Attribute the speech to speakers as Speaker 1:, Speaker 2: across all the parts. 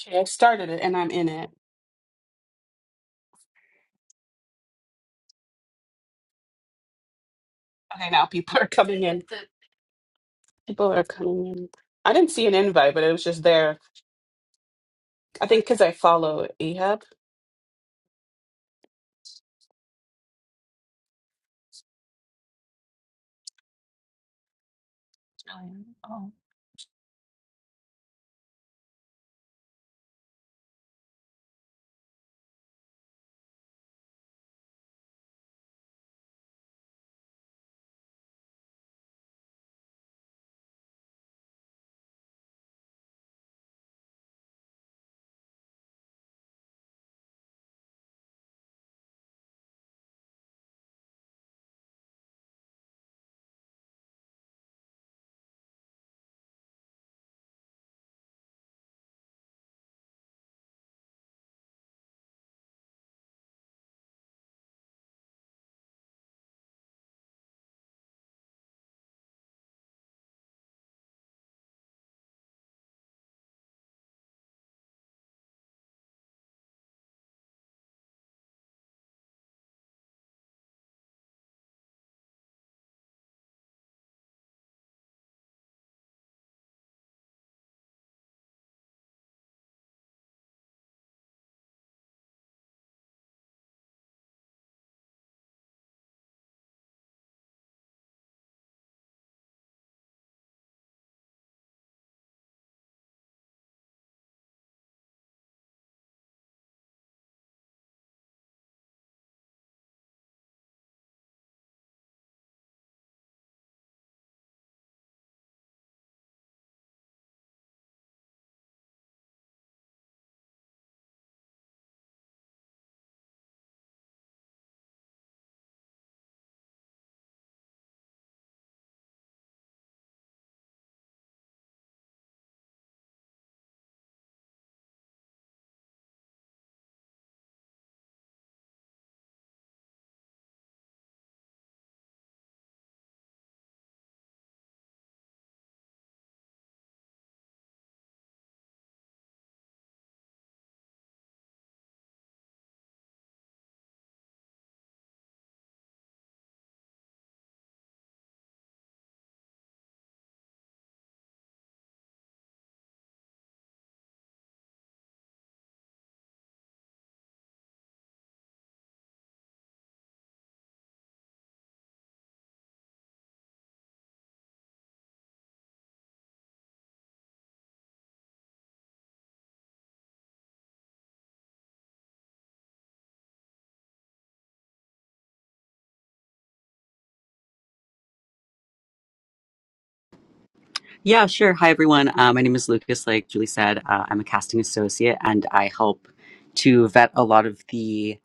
Speaker 1: Okay, I've started it and I'm in it. Okay, now people are coming in. People are coming in. I didn't see an invite, but it was just there. I think because I follow Ahab. I know.
Speaker 2: Yeah, sure. Hi, everyone. Uh, my name is Lucas. Like Julie said, uh, I'm a casting associate and I help to vet a lot of the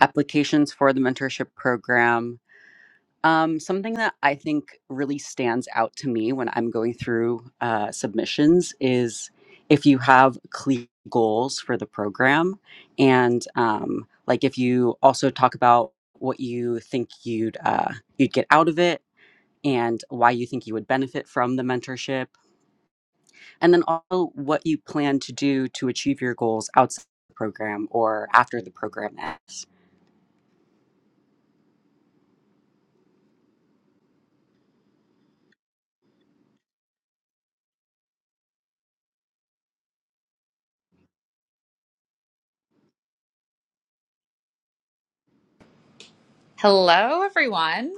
Speaker 2: applications for the mentorship program. Um, something that I think really stands out to me when I'm going through uh, submissions is if you have clear goals for the program and um, like if you also talk about what you think you'd uh, you'd get out of it and why you think you would benefit from the mentorship and then also what you plan to do to achieve your goals outside the program or after the program ends.
Speaker 3: Hello, everyone.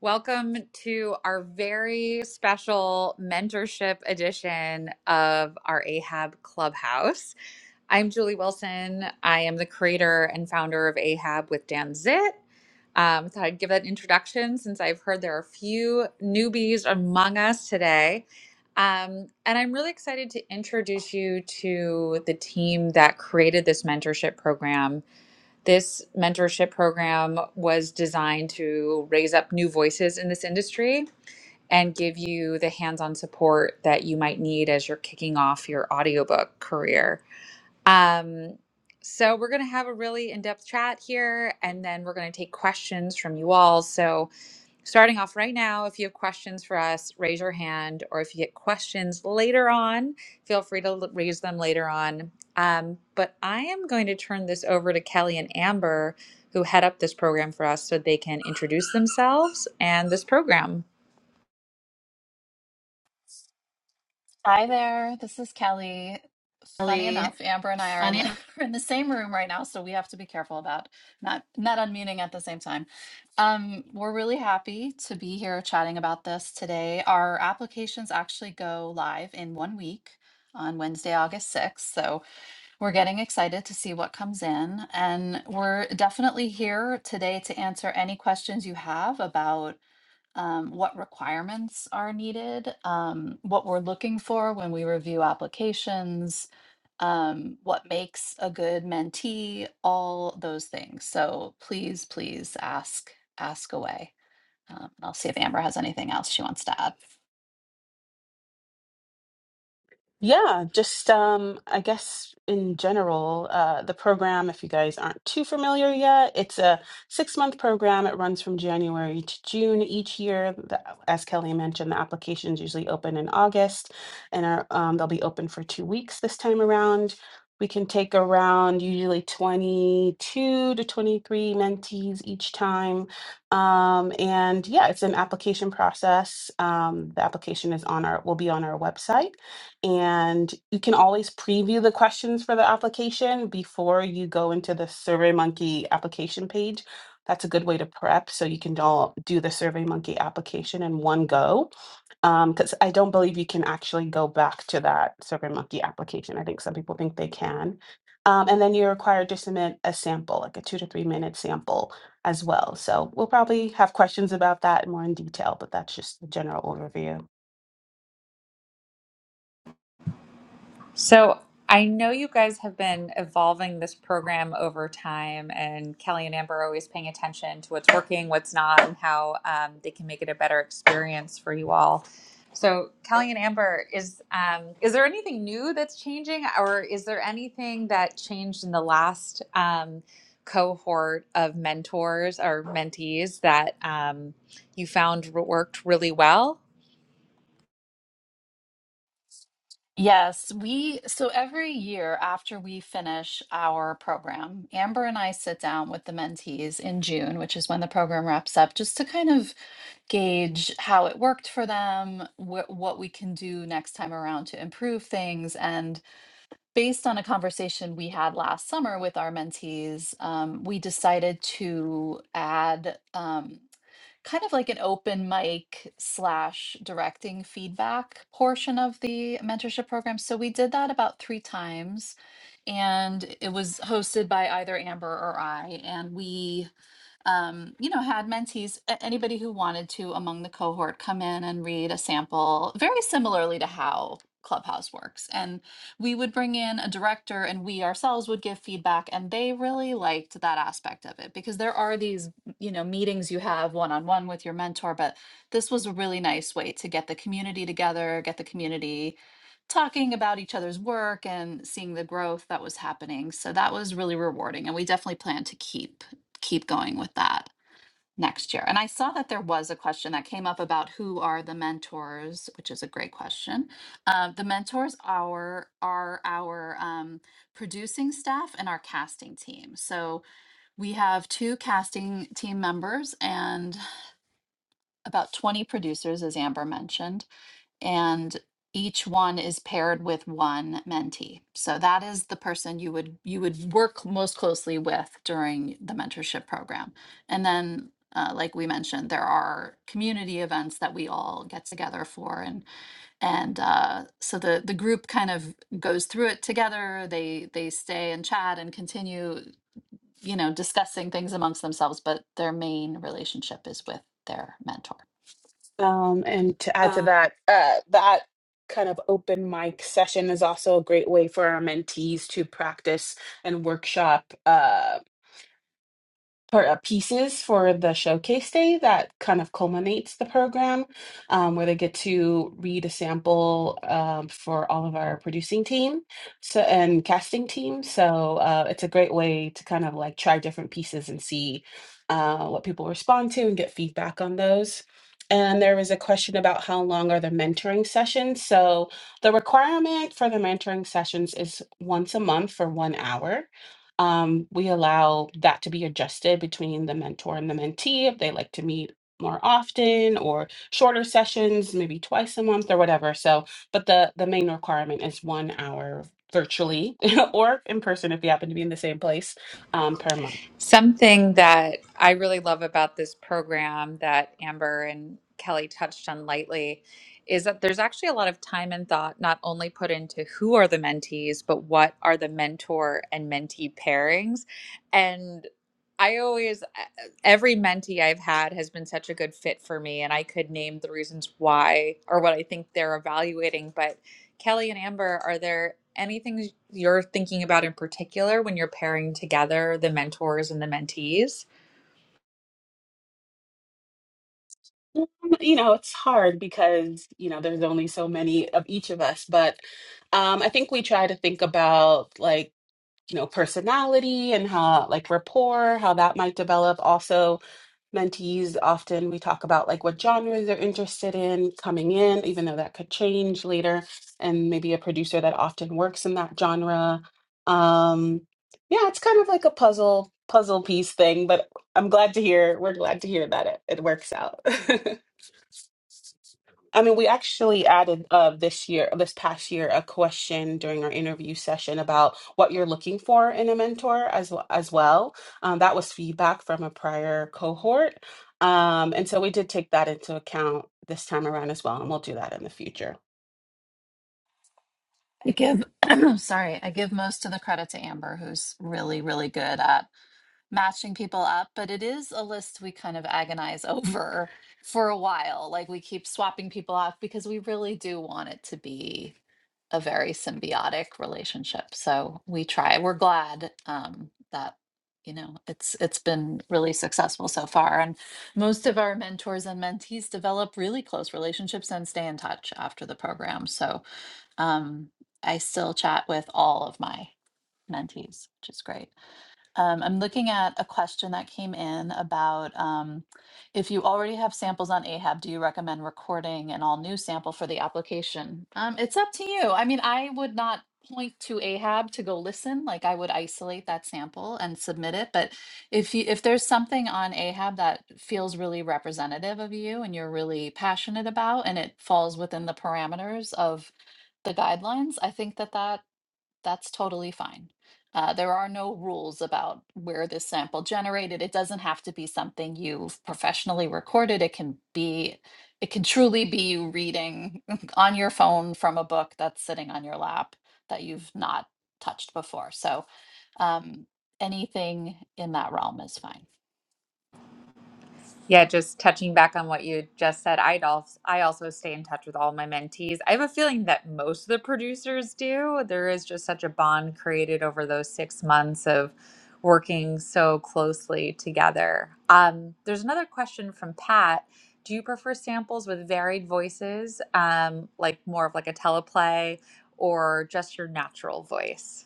Speaker 3: Welcome to our very special mentorship edition of our Ahab Clubhouse. I'm Julie Wilson. I am the creator and founder of Ahab with Dan Zit. Um, thought I'd give that introduction since I've heard there are a few newbies among us today. Um, and I'm really excited to introduce you to the team that created this mentorship program this mentorship program was designed to raise up new voices in this industry and give you the hands on support that you might need as you're kicking off your audiobook career. Um, so, we're going to have a really in depth chat here, and then we're going to take questions from you all. So, starting off right now, if you have questions for us, raise your hand, or if you get questions later on, feel free to l- raise them later on. Um, but I am going to turn this over to Kelly and Amber, who head up this program for us, so they can introduce themselves and this program.
Speaker 4: Hi there, this is Kelly. Funny enough,
Speaker 1: Really
Speaker 4: Amber and I are in
Speaker 1: funny.
Speaker 4: the we're in the same room right now, so we have to be careful about not not unmuting at the same time. Um, we're really happy to be here chatting about this today. Our applications actually go live in one week on Wednesday, August 6th. So we're getting excited to see what comes in. And we're definitely here today to answer any questions you have about um, what requirements are needed, um, what we're looking for when we review applications, um, what makes a good mentee, all those things. So please, please ask ask away. Um, I'll see if Amber has anything else she wants to add.
Speaker 1: Yeah, just um, I guess in general, uh, the program, if you guys aren't too familiar yet, it's a six month program. It runs from January to June each year. The, as Kelly mentioned, the applications usually open in August and are, um, they'll be open for two weeks this time around. We can take around usually 22 to 23 mentees each time. Um, and yeah, it's an application process. Um, the application is on our, will be on our website. And you can always preview the questions for the application before you go into the SurveyMonkey application page. That's a good way to prep so you can all do the SurveyMonkey application in one go. Because I don't believe you can actually go back to that SurveyMonkey application. I think some people think they can. Um, and then you're required to submit a sample, like a two to three minute sample as well. So we'll probably have questions about that more in detail, but that's just the general overview.
Speaker 3: So I know you guys have been evolving this program over time, and Kelly and Amber are always paying attention to what's working, what's not, and how um, they can make it a better experience for you all. So Kelly and Amber, is um, is there anything new that's changing, or is there anything that changed in the last um, cohort of mentors or mentees that um, you found worked really well?
Speaker 4: Yes, we so every year after we finish our program, Amber and I sit down with the mentees in June, which is when the program wraps up, just to kind of gauge how it worked for them, wh- what we can do next time around to improve things. And based on a conversation we had last summer with our mentees, um, we decided to add. Um, kind of like an open mic slash directing feedback portion of the mentorship program. So we did that about three times, and it was hosted by either Amber or I. And we um, you know, had mentees, a- anybody who wanted to among the cohort come in and read a sample, very similarly to how Clubhouse works. And we would bring in a director and we ourselves would give feedback. And they really liked that aspect of it because there are these, you know, meetings you have one on one with your mentor, but this was a really nice way to get the community together, get the community talking about each other's work and seeing the growth that was happening. So that was really rewarding. And we definitely plan to keep keep going with that next year. And I saw that there was a question that came up about who are the mentors, which is a great question. Uh, the mentors are are our um, producing staff and our casting team. So we have two casting team members and about 20 producers, as Amber mentioned and each one is paired with one mentee. So that is the person you would you would work most closely with during the mentorship program. And then uh, like we mentioned, there are community events that we all get together for, and and uh, so the the group kind of goes through it together. They they stay and chat and continue, you know, discussing things amongst themselves. But their main relationship is with their mentor.
Speaker 1: Um, and to add to that, uh, that kind of open mic session is also a great way for our mentees to practice and workshop. Um, per- uh, pieces for the showcase day that kind of culminates the program, um, where they get to read a sample um, for all of our producing team so and casting team. So uh, it's a great way to kind of like try different pieces and see uh, what people respond to and get feedback on those. And there was a question about how long are the mentoring sessions. So the requirement for the mentoring sessions is once a month for one hour um, we allow that to be adjusted between the mentor and the mentee if they like to meet more often or shorter sessions maybe twice a month or whatever so but the the main requirement is one hour virtually or in person if you happen to be in the same place um, per month
Speaker 3: Something that I really love about this program that Amber and Kelly touched on lightly is that there's actually a lot of time and thought not only put into who are the mentees, but what are the mentor and mentee pairings. And I always, uh, every mentee I've had has been such a good fit for me, and I could name the reasons why or what I think they're evaluating. But Kelly and Amber, are there any things you're thinking about in particular when you're pairing together the mentors and the mentees?
Speaker 1: Um, you know it's hard because you know there's only so many of each of us but um, i think we try to think about like you know personality and how like rapport how that might develop also mentees often we talk about like what genres they're interested in coming in even though that could change later and maybe a producer that often works in that genre um yeah it's kind of like a puzzle puzzle piece thing but i'm glad to hear we're glad to hear that it, it works out I mean, we actually added uh, this year, this past year, a question during our interview session about what you're looking for in a mentor as well, as well. Um, that was feedback from a prior cohort. Um, and so we did take that into account this time around as well, and we'll do that in the future.
Speaker 4: I give, sorry, I give most of the credit to Amber, who's really, really good at matching people up. But it is a list we kind of agonize over for a while. Like we keep swapping people off because we really do want it to be a very symbiotic relationship. So we try. We're glad um, that you know it's it's been really successful so far and most of our mentors and mentees develop really close relationships and stay in touch after the program so um, I still chat with all of my mentees, which is great. Um, I'm looking at a question that came in about um, if you already have samples on Ahab, do you recommend recording an all new sample for the application? Um, it's up to you. I mean, I would not point to Ahab to go listen. Like I would isolate that sample and submit it. But if you if there's something on Ahab that feels really representative of you and you're really passionate about, and it falls within the parameters of the guidelines, I think that that that's totally fine. Uh, there are no rules about where this sample generated. It doesn't have to be something you've professionally recorded. It can be, it can truly be you reading on your phone from a book that's sitting on your lap that you've not touched before. So um, anything in that realm is fine.
Speaker 3: Yeah, just touching back on what you just said, I also I also stay in touch with all my mentees. I have a feeling that most of the producers do. There is just such a bond created over those six months of working so closely together. Um, there's another question from Pat. Do you prefer samples with varied voices, um, like more of like a teleplay, or just your natural voice?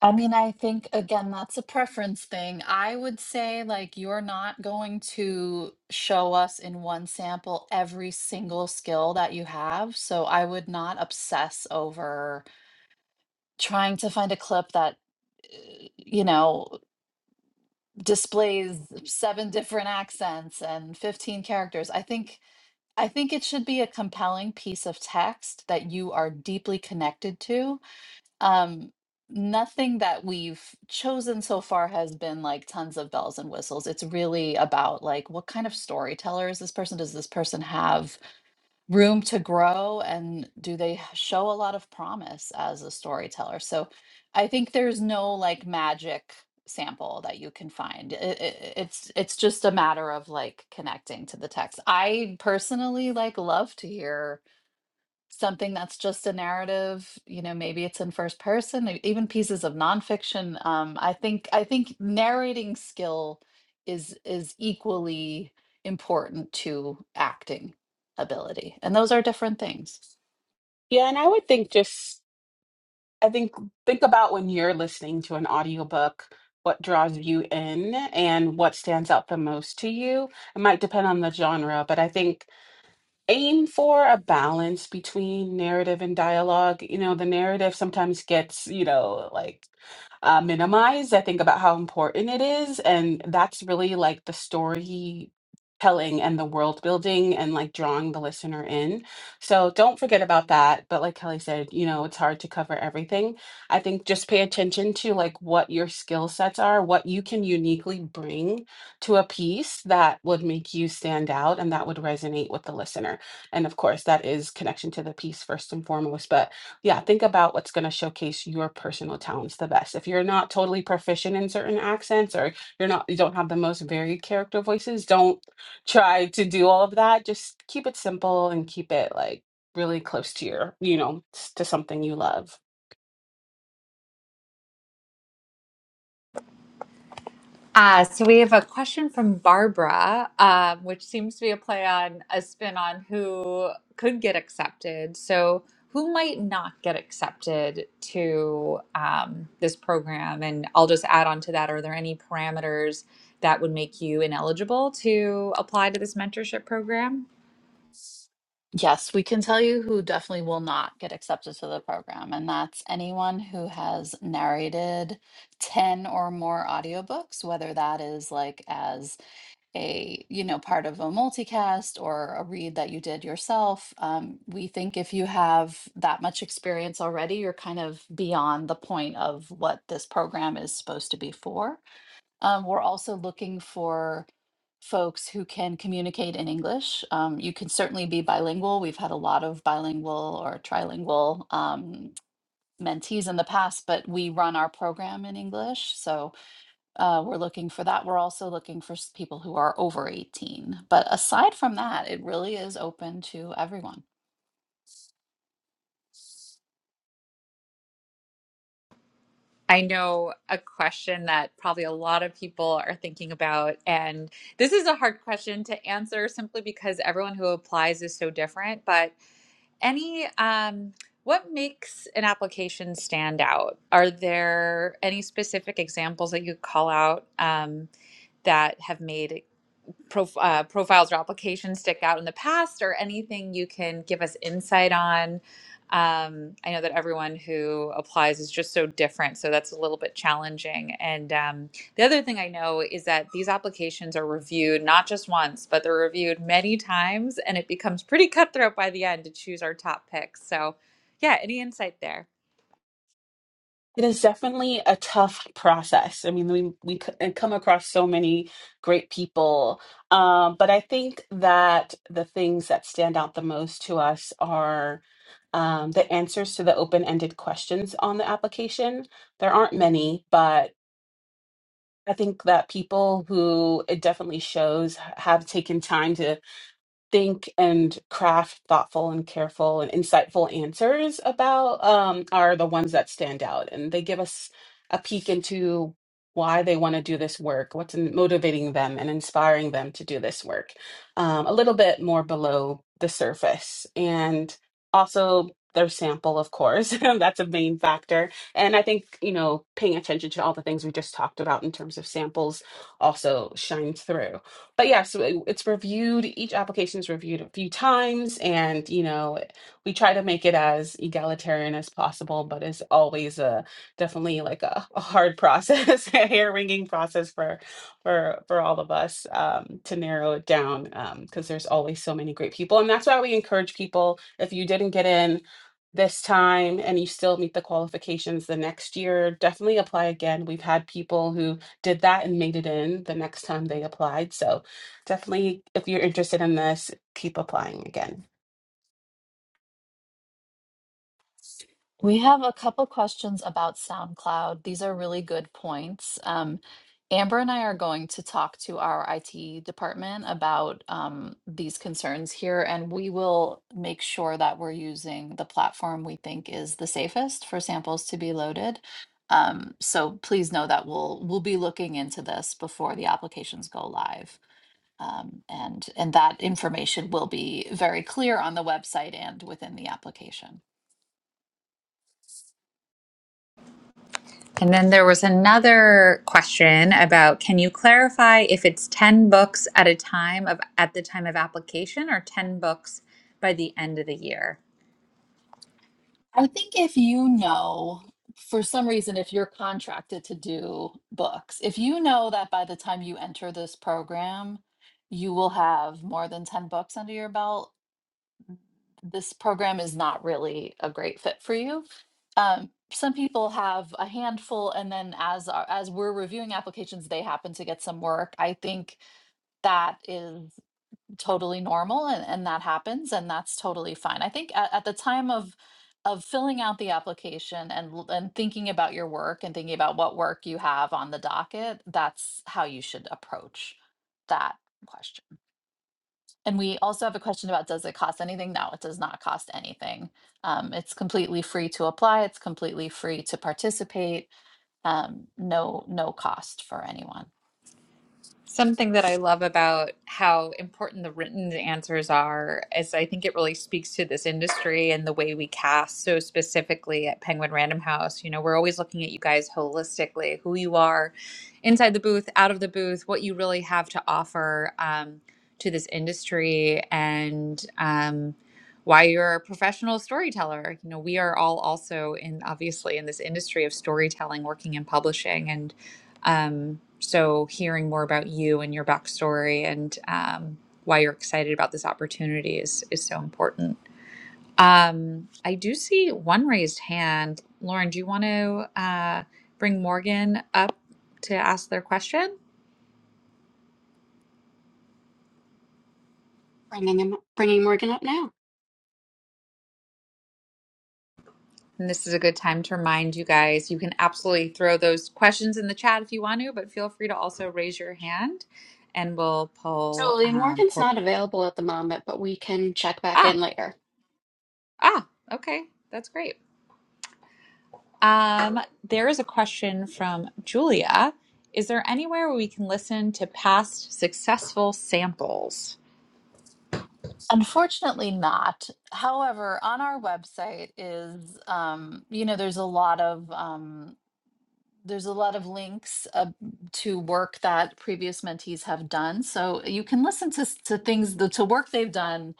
Speaker 4: I mean, I think again, that's a preference thing. I would say, like, you're not going to show us in one sample every single skill that you have. So I would not obsess over trying to find a clip that, eh, you know, displays seven different accents and 15 characters. I think. I think it should be a compelling piece of text that you are deeply connected to um, nothing that we've chosen so far has been like tons of bells and whistles. It's really about like what kind of storyteller is this person? Does this person have room to grow and do they h- show a lot of promise as a storyteller? So I think there's no like magic sample that you can find. It, it, it's it's just a matter of like connecting to the text. I personally like love to hear something that's just a narrative you know maybe it's in first person e- even pieces of nonfiction um, i think i think narrating skill is is equally important to acting ability and those are different things
Speaker 1: Yeah, and I would think just I think think about when you're listening to an audiobook, what draws you in and what stands out the most to you. It might depend on the genre, but I think aim for a balance between narrative and dialogue. You know, the narrative sometimes gets, you know, like uh, minimized. I think about how important it is. And that's really like the story telling and the world building and like drawing the listener in. So don't forget about that. But like Kelly said, you know, it's hard to cover everything. I think just pay attention to like what your skill sets are, what you can uniquely bring to a piece that would make you stand out and that would resonate with the listener. And of course, that is connection to the piece first and foremost. But yeah, think about what's going to showcase your personal talents the best. If you're not totally proficient in certain accents or you're not you don't have the most varied character voices, don't try to do all of that. Just keep it simple and keep it like really close to your, you know, s- to something you love.
Speaker 3: Uh, so we have a question from Barbara, um, which seems to be a play on a spin on who could get accepted. So who might not get accepted to um, this program? And I'll just add on to that. Are there any parameters that would make you ineligible to apply to this mentorship program?
Speaker 4: yes we can tell you who definitely will not get accepted to the program and that's anyone who has narrated 10 or more audiobooks whether that is like as a you know part of a multicast or a read that you did yourself um, we think if you have that much experience already you're kind of beyond the point of what this program is supposed to be for um, we're also looking for folks who can communicate in english um, you can certainly be bilingual we've had a lot of bilingual or trilingual um, mentees in the past but we run our program in english so uh, we're looking for that. We're also looking for s- people who are over 18. But aside from that, it really is open to everyone.
Speaker 3: I know a question that probably a lot of people are thinking about, and this is a hard question to answer simply because everyone who applies is so different. But any um what makes an application stand out? Are there any specific examples that you call out um, that have made prof- uh, profiles or applications stick out in the past or anything you can give us insight on. Um, I know that everyone who applies is just so different, so that's a little bit challenging. And um, the other thing I know is that these applications are reviewed not just once, but they're reviewed many times, and it becomes pretty cutthroat by the end to choose our top picks. So, yeah, any insight there?
Speaker 1: It is definitely a tough process. I mean, we we c- come across so many great people, um, but I think that the things that stand out the most to us are um, the answers to the open-ended questions on the application. There aren't many, but I think that people who it definitely shows have taken time to think and craft thoughtful and careful and insightful answers about um, are the ones that stand out. And they give us a peek into why they want to do this work, what's in- motivating them and inspiring them to do this work, um, a little bit more below the surface. And also, their sample, of course, that's a main factor. And I think, you know, paying attention to all the things we just talked about in terms of samples also shines through. But yeah, so it- it's reviewed, each application is reviewed a few times, and you know, we try to make it as egalitarian as possible, but it's always a definitely like a, a hard process, a hair-wringing process for for for all of us um, to narrow it down um, because there's always so many great people, and that's why we encourage people if you didn't get in this time and you still meet the qualifications the next year, definitely apply again. We've had people who did that and made it in the next time they applied. So definitely, if you're interested in this, keep applying again.
Speaker 4: We have a couple questions about SoundCloud. These are really good points. Um, Amber and I are going to talk to our IT department about um, these concerns here, and we will make sure that we're using the platform we think is the safest for samples to be loaded. Um, so please know that we'll we'll be looking into this before the applications go live. Um, and and that information will be very clear on the website and within the application.
Speaker 3: And then there was another question about can you clarify if it's 10 books at a time of at the time of application or 10 books by the end of the year?
Speaker 4: I think if you know, for some reason, if you're contracted to do books, if you know that by the time you enter this program, you will have more than 10 books under your belt, this program is not really a great fit for you. Um, some people have a handful, and then as our- as we're reviewing applications, they happen to get some work. I think that is totally normal and, and that happens and that's totally fine i think at, at the time of of filling out the application and l- and thinking about your work and thinking about what work you have on the docket that's how you should approach that question and we also have a question about does it cost anything no it does not cost anything um, it's completely free to apply it's completely free to participate um, no no cost for anyone
Speaker 3: Something that I love about how important the written answers are is I think it really speaks to this industry and the way we cast so specifically at Penguin Random House. You know, we're always looking at you guys holistically, who you are inside the booth, out of the booth, what you really have to offer um, to this industry, and um, why you're a professional storyteller. You know, we are all also in obviously in this industry of storytelling, working in publishing, and um, so, hearing more about you and your backstory and um, why you're excited about this opportunity is is so important. Um, I do see one raised hand. Lauren, do you want to uh, bring Morgan up to ask their question?
Speaker 5: Bringing him, bringing Morgan up now.
Speaker 3: And this is a good time to remind you guys you can absolutely throw those questions in the chat if you want to, but feel free to also raise your hand and we'll
Speaker 5: So
Speaker 3: pull. Um,
Speaker 5: Morgan's
Speaker 3: pull.
Speaker 5: not available at the moment, but we can check back
Speaker 3: Ah,
Speaker 5: in later.
Speaker 3: ah, okay. That's great. Um, there is a question from Julia. Is there anywhere where we can listen to past successful samples?
Speaker 4: Unfortunately, not. However, on our website is, um, you know, there's a lot of um, there's a lot of links uh, to work that previous mentees have done. So you can listen to s- to things the, to work they've done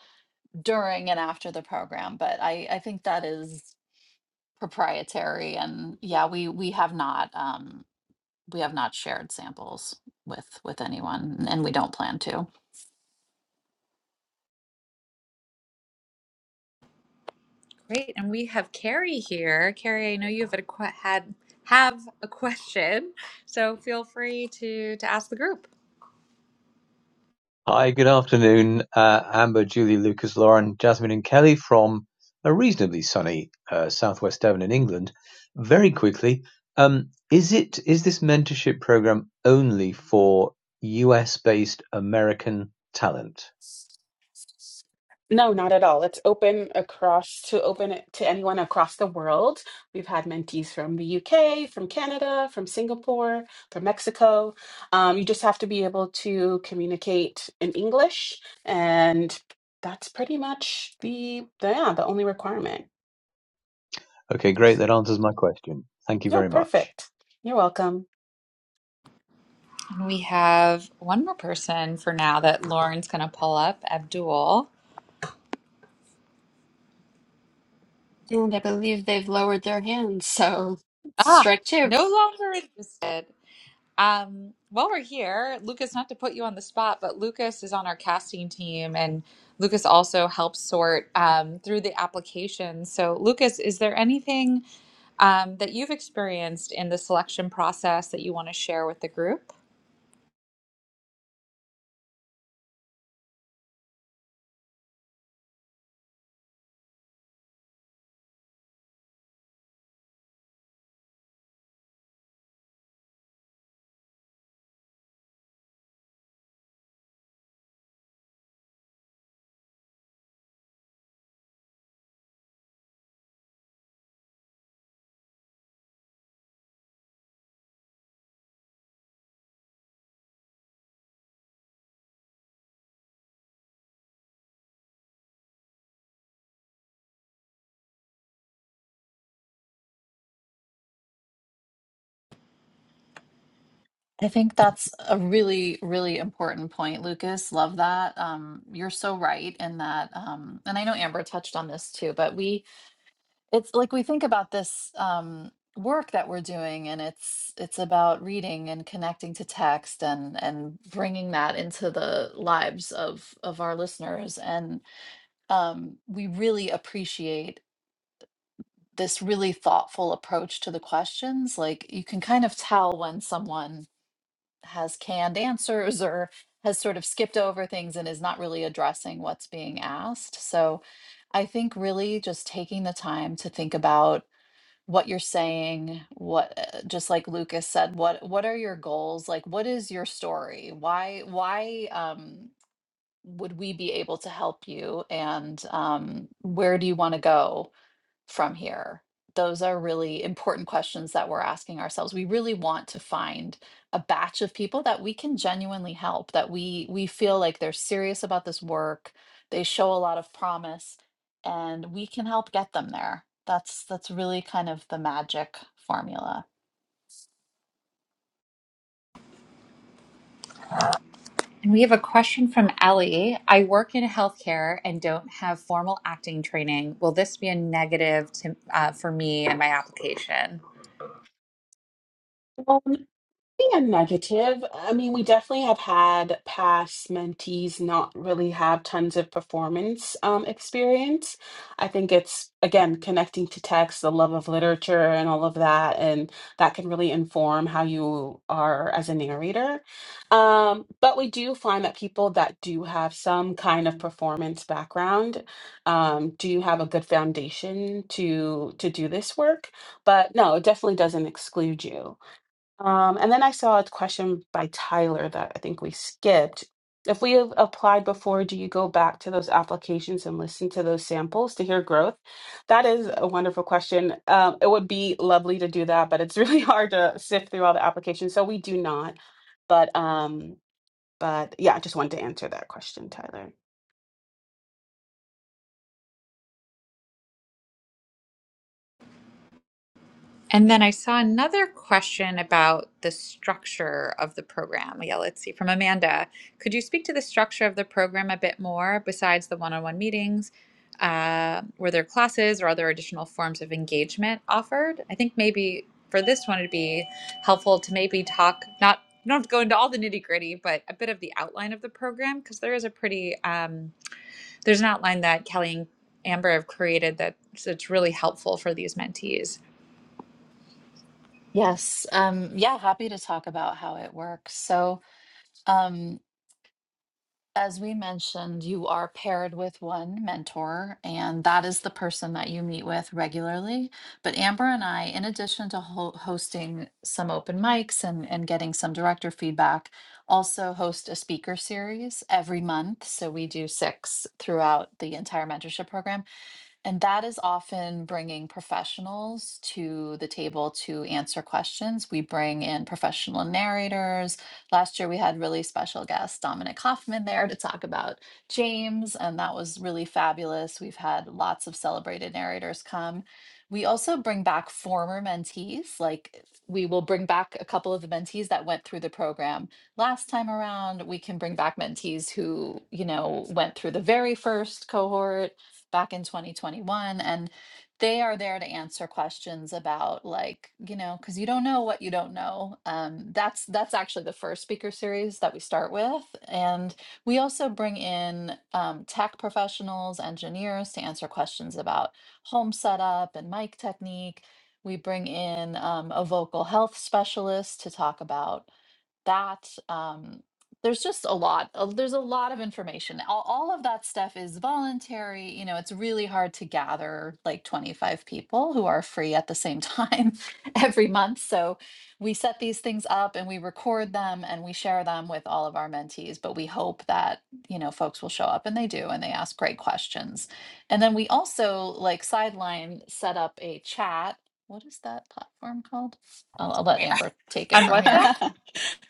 Speaker 4: during and after the program. But I I think that is proprietary, and yeah, we we have not um, we have not shared samples with with anyone, and we don't plan to.
Speaker 3: Great, and we have Carrie here. Carrie, I know you have a que- had have a question, so feel free to to ask the group.
Speaker 6: Hi, good afternoon, uh, Amber, Julie, Lucas, Lauren, Jasmine, and Kelly from a reasonably sunny uh, southwest Devon in England. Very quickly, um, is it is this mentorship program only for US-based American talent?
Speaker 1: No, not at all. It's open across to open it to anyone across the world. We've had mentees from the UK, from Canada, from Singapore, from Mexico. Um, you just have to be able to communicate in English, and that's pretty much the, the yeah the only requirement.
Speaker 6: Okay, great.
Speaker 1: Yes.
Speaker 6: That answers my question. Thank you
Speaker 1: No,
Speaker 6: very much.
Speaker 1: perfect. You're welcome.
Speaker 3: And we have one more person for now that Lauren's going to pull up. Abdul.
Speaker 5: And I believe they've lowered their hands, so
Speaker 3: Ah,
Speaker 5: strike two.
Speaker 3: no longer interested. Um, while we're here, Lucas, not to put you on the spot, but Lucas is on our casting team and Lucas also helps sort um, through the applications. So, Lucas, is there anything um, that you've experienced in the selection process that you want to share with the group?
Speaker 4: I think that's a really, really important point, Lucas. Love that. Um, you're so right in that. Um, and I know Amber touched on this too, but we, it's like we think about this um, work that we're doing, and it's it's about reading and connecting to text and and bringing that into the lives of of our listeners. And um, we really appreciate this really thoughtful approach to the questions. Like you can kind of tell when someone has canned answers or has sort of skipped over things and is not really addressing what's being asked. So I think really just taking the time to think about what you're saying, what uh, just like Lucas said, what what are your goals? Like what is your story? Why why um would we be able to help you and um where do you want to go? from here? Those are really important questions that we're asking ourselves. We really want to find a batch of people that we can genuinely help, that we we feel like they're serious about this work, they show a lot of promise, and we can help get them there. That's that's really kind of the magic formula.
Speaker 3: And we have a question from Ellie. I work in healthcare and don't have formal acting training. Will this be a negative to, uh, for me and my application?
Speaker 1: a negative. I mean, we definitely have had past mentees not really have tons of performance um, experience. I think it's, again, connecting to text, the love of literature, and all of that. And that can really inform how you are as a narrator. Um, but we do find that people that do have some kind of performance background um, do have a good foundation to to do this work. But no, it definitely doesn't exclude you. Um, and then I saw a question by Tyler that I think we skipped. If we have applied before, do you go back to those applications and listen to those samples to hear growth? That is a wonderful question. Um, it would be lovely to do that, but it's really hard to sift through all the applications, so we do not. But um, but yeah, I just wanted to answer that question, Tyler.
Speaker 3: And then I saw another question about the structure of the program. Yeah, let's see from Amanda. Could you speak to the structure of the program a bit more besides the one on one meetings? Uh, were there classes or other additional forms of engagement offered? I think maybe for this one, it'd be helpful to maybe talk, not, you don't have to go into all the nitty gritty, but a bit of the outline of the program because there is a pretty, um, there's an outline that Kelly and Amber have created that that's really helpful for these mentees.
Speaker 4: Yes. Um, yeah, happy to talk about how it works. So, um, as we mentioned, you are paired with one mentor, and that is the person that you meet with regularly. But Amber and I, in addition to ho- hosting some open mics and, and getting some director feedback, also host a speaker series every month. So we do six throughout the entire mentorship program. And that is often bringing professionals to the table to answer questions. We bring in professional narrators. Last year, we had really special guest Dominic Hoffman there to talk about James, and that was really fabulous. We've had lots of celebrated narrators come. We also bring back former mentees, like we will bring back a couple of the mentees that went through the program last time around. We can bring back mentees who, you know, went through the very first cohort back in 2021 and they are there to answer questions about like you know because you don't know what you don't know um, that's that's actually the first speaker series that we start with and we also bring in um, tech professionals engineers to answer questions about home setup and mic technique we bring in um, a vocal health specialist to talk about that um, there's just a lot of, there's a lot of information all, all of that stuff is voluntary you know it's really hard to gather like 25 people who are free at the same time every month so we set these things up and we record them and we share them with all of our mentees but we hope that you know folks will show up and they do and they ask great questions and then we also like sideline set up a chat what is that platform called i'll, I'll let amber take it
Speaker 3: On
Speaker 4: from here
Speaker 3: WhatsApp?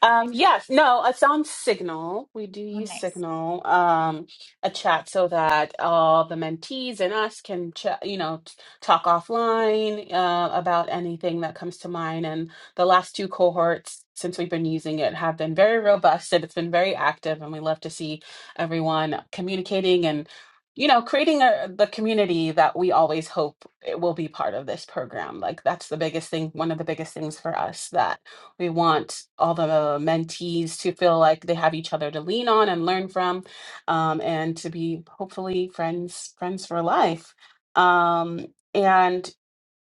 Speaker 1: Um,
Speaker 3: Maybe.
Speaker 1: yes, no, it's on Signal. We do
Speaker 3: Oh,
Speaker 1: use
Speaker 3: nice.
Speaker 1: Signal, um, a chat so that all the mentees and us can, ch you know, t- talk offline uh, about anything that comes to mind. And the last two cohorts, since we've been using it, have been very robust and it's been very active. And we love to see everyone communicating and, you know, creating a, the community that we always hope it will be part of this program. Like that's the biggest thing, one of the biggest things for us that. We want all the mentees to feel like they have each other to lean on and learn from, um, and to be hopefully friends friends for life. Um, and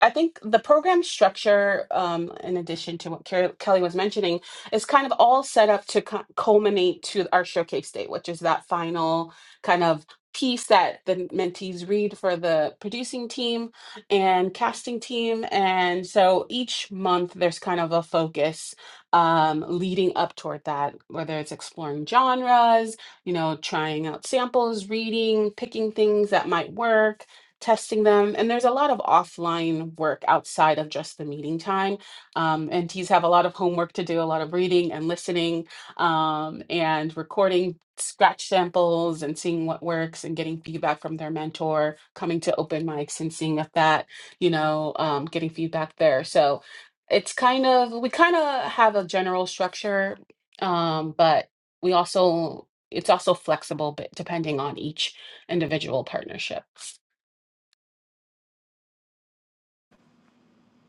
Speaker 1: I think the program structure, um, in addition to what Ker- Kelly was mentioning, is kind of all set up to cu- culminate to our showcase day, which is that final kind of piece that the mentees read for the producing team and casting team. And so each month there's kind of a focus um, leading up toward that, whether it's exploring genres, you know, trying out samples, reading, picking things that might work testing them. And there's a lot of offline work outside of just the meeting time. Um, NTs have a lot of homework to do, a lot of reading and listening um, and recording scratch samples and seeing what works and getting feedback from their mentor, coming to open mics and seeing if that, you know, um, getting feedback there. So it's kind of, we kind of have a general structure, um, but we also, it's also flexible but depending on each individual partnership.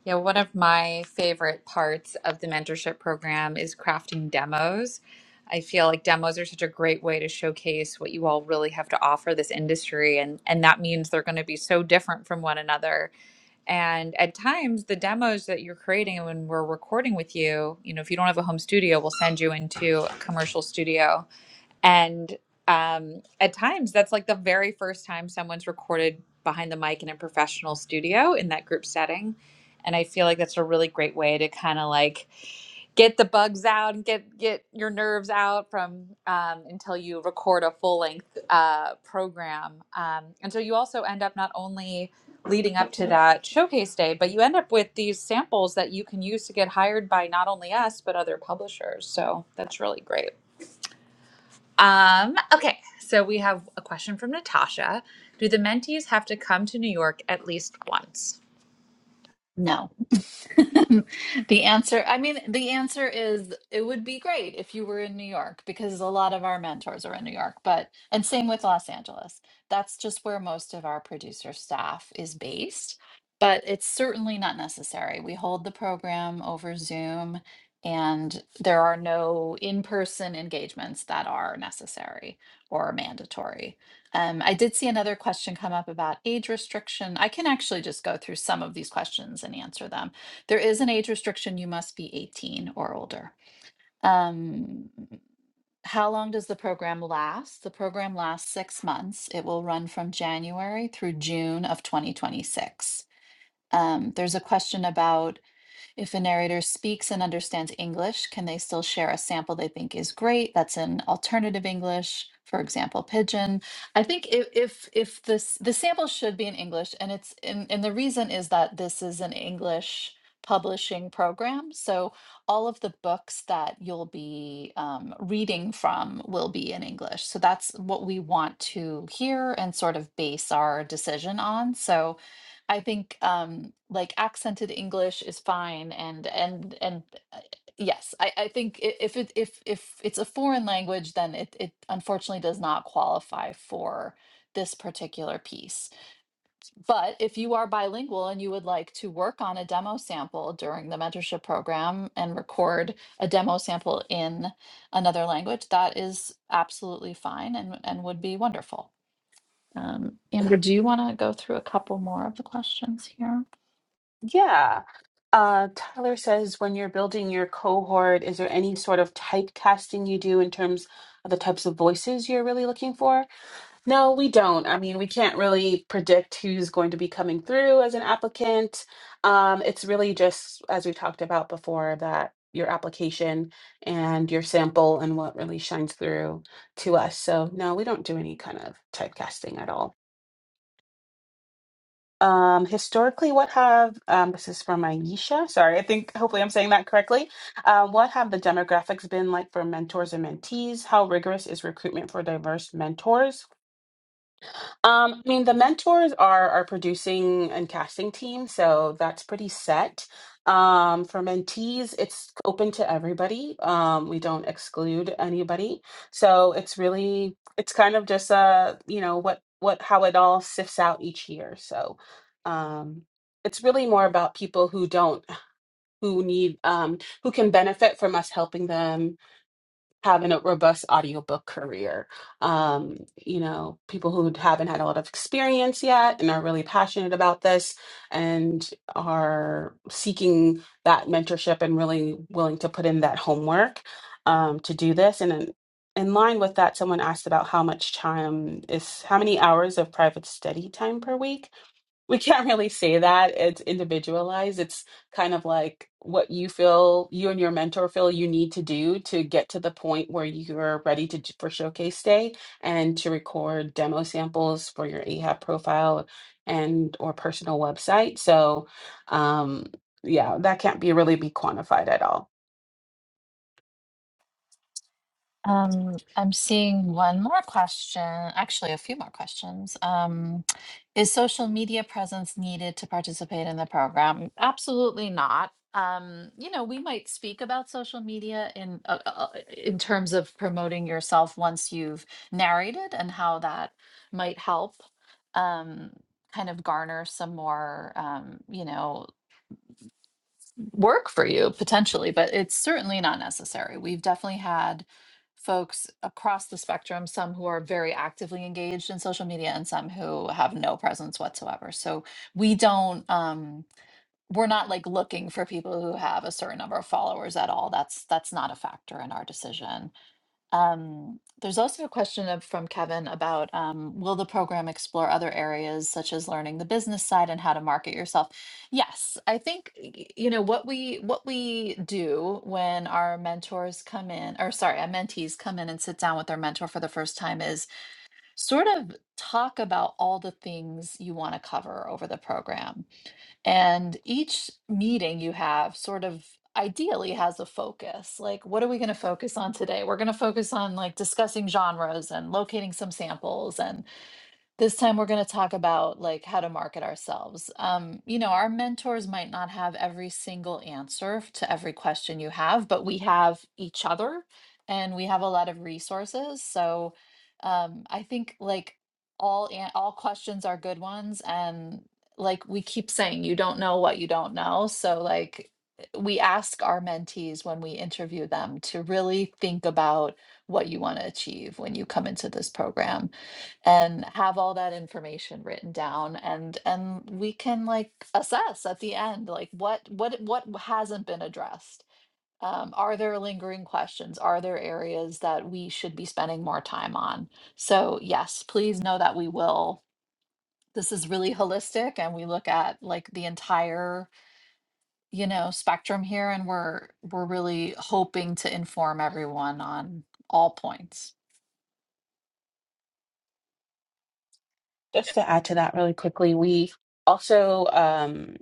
Speaker 3: Yeah, one of my favorite parts of the mentorship program is crafting demos. I feel like demos are such a great way to showcase what you all really have to offer this industry and and that means they're going to be so different from one another. And at times the demos that you're creating when we're recording with you, you know, if you don't have a home studio, we'll send you into a commercial studio And um, at times, that's like the very first time someone's recorded behind the mic in a professional studio in that group setting. And I feel like that's a really great way to kind of like get the bugs out and get get your nerves out from um, until you record a full length uh, program. Um, and so you also end up not only leading up to that showcase day, but you end up with these samples that you can use to get hired by not only us but other publishers. So that's really great. Um, okay, so we have a question from Natasha. Do the mentees have to come to New York at least once?
Speaker 4: No. The answer, I mean, the answer is it would be great if you were in New York because a lot of our mentors are in New York, but, and same with Los Angeles. That's just where most of our producer staff is based, but it's certainly not necessary. We hold the program over Zoom, and there are no in person engagements that are necessary or mandatory. Um, I did see another question come up about age restriction. I can actually just go through some of these questions and answer them. There is an age restriction. You must be 18 or older. Um, how long does the program last? The program lasts six months. It will run from January through June of 2026. Um, there's a question about if a narrator speaks and understands English, can they still share a sample they think is great that's in alternative English, for example, Pidgin? I think if if, if this the sample should be in English, and it's and, and the reason is that this is an English publishing program, so all of the books that you'll be um, reading from will be in English. So that's what we want to hear and sort of base our decision on. So I think um like accented English is fine and and and uh, yes, I I think i- if it if if it's a foreign language then it it unfortunately does not qualify for this particular piece. But if you are bilingual and you would like to work on a demo sample during the mentorship program and record a demo sample in another language, that is absolutely fine and and would be wonderful. Um, Amber, do you want to go through a couple more of the questions here?
Speaker 1: Yeah. Uh, Tyler says, when you're building your cohort, is there any sort of typecasting you do in terms of the types of voices you're really looking for? No, we don't. I mean, we can't really predict who's going to be coming through as an applicant. Um, it's really just, as we talked about before, that your application and your sample and what really shines through to us. So, no, we don't do any kind of typecasting at all. Um, historically, what have um, this is from Aisha. Sorry, I think hopefully I'm saying that correctly. Uh, what have the demographics been like for mentors and mentees? How rigorous is recruitment for diverse mentors? Um, I mean, the mentors are our producing and casting team, so that's pretty set. Um, for mentees, it's open to everybody. Um, we don't exclude anybody, so it's really it's kind of just uh, you know what what how it all sifts out each year. So um, it's really more about people who don't who need um, who can benefit from us helping them having a robust audiobook career. Um, you know, people who haven't had a lot of experience yet and are really passionate about this and are seeking that mentorship and really willing to put in that homework um, to do this. And in, in line with that, someone asked about how much time is, how many hours of private study time per week we can't really say that it's individualized it's kind of like what you feel you and your mentor feel you need to do to get to the point where you're ready to for showcase day and to record demo samples for your ahab profile and or personal website so um yeah that can't be really be quantified at all
Speaker 4: Um, I'm seeing one more question, actually a few more questions. Um, is social media presence needed to participate in the program? Absolutely not. Um, you know, we might speak about social media in uh, uh, in terms of promoting yourself once you've narrated and how that might help um, kind of garner some more, um, you know work for you potentially, but it's certainly not necessary. We've definitely had folks across the spectrum, some who are very actively engaged in social media and some who have no presence whatsoever. So we don't um we're not like looking for people who have a certain number of followers at all. That's that's not a factor in our decision. Um, there's also a question of, from Kevin about um, will the program explore other areas such as learning the business side and how to market yourself? Yes, I think y- you know what we what we do when our mentors come in, or sorry, our mentees come in and sit down with their mentor for the first time is sort of talk about all the things you want to cover over the program and each meeting you have sort of ideally has a focus. Like, what are we going to focus on today? We're going to focus on like discussing genres and locating some samples. And this time we're going to talk about like how to market ourselves. Um, you know, our mentors might not have every single answer f- to every question you have, but we have each other and we have a lot of resources. So um, I think like all an- all questions are good ones and like we keep saying you don't know what you don't know. So like we ask our mentees when we interview them to really think about what you want to achieve when you come into this program and have all that information written down and and we can like assess at the end like what what what hasn't been addressed um, are there lingering questions are there areas that we should be spending more time on so yes please know that we will this is really holistic and we look at like the entire you know spectrum here and we're we're really hoping to inform everyone on all points
Speaker 1: just to add to that really quickly, we also um,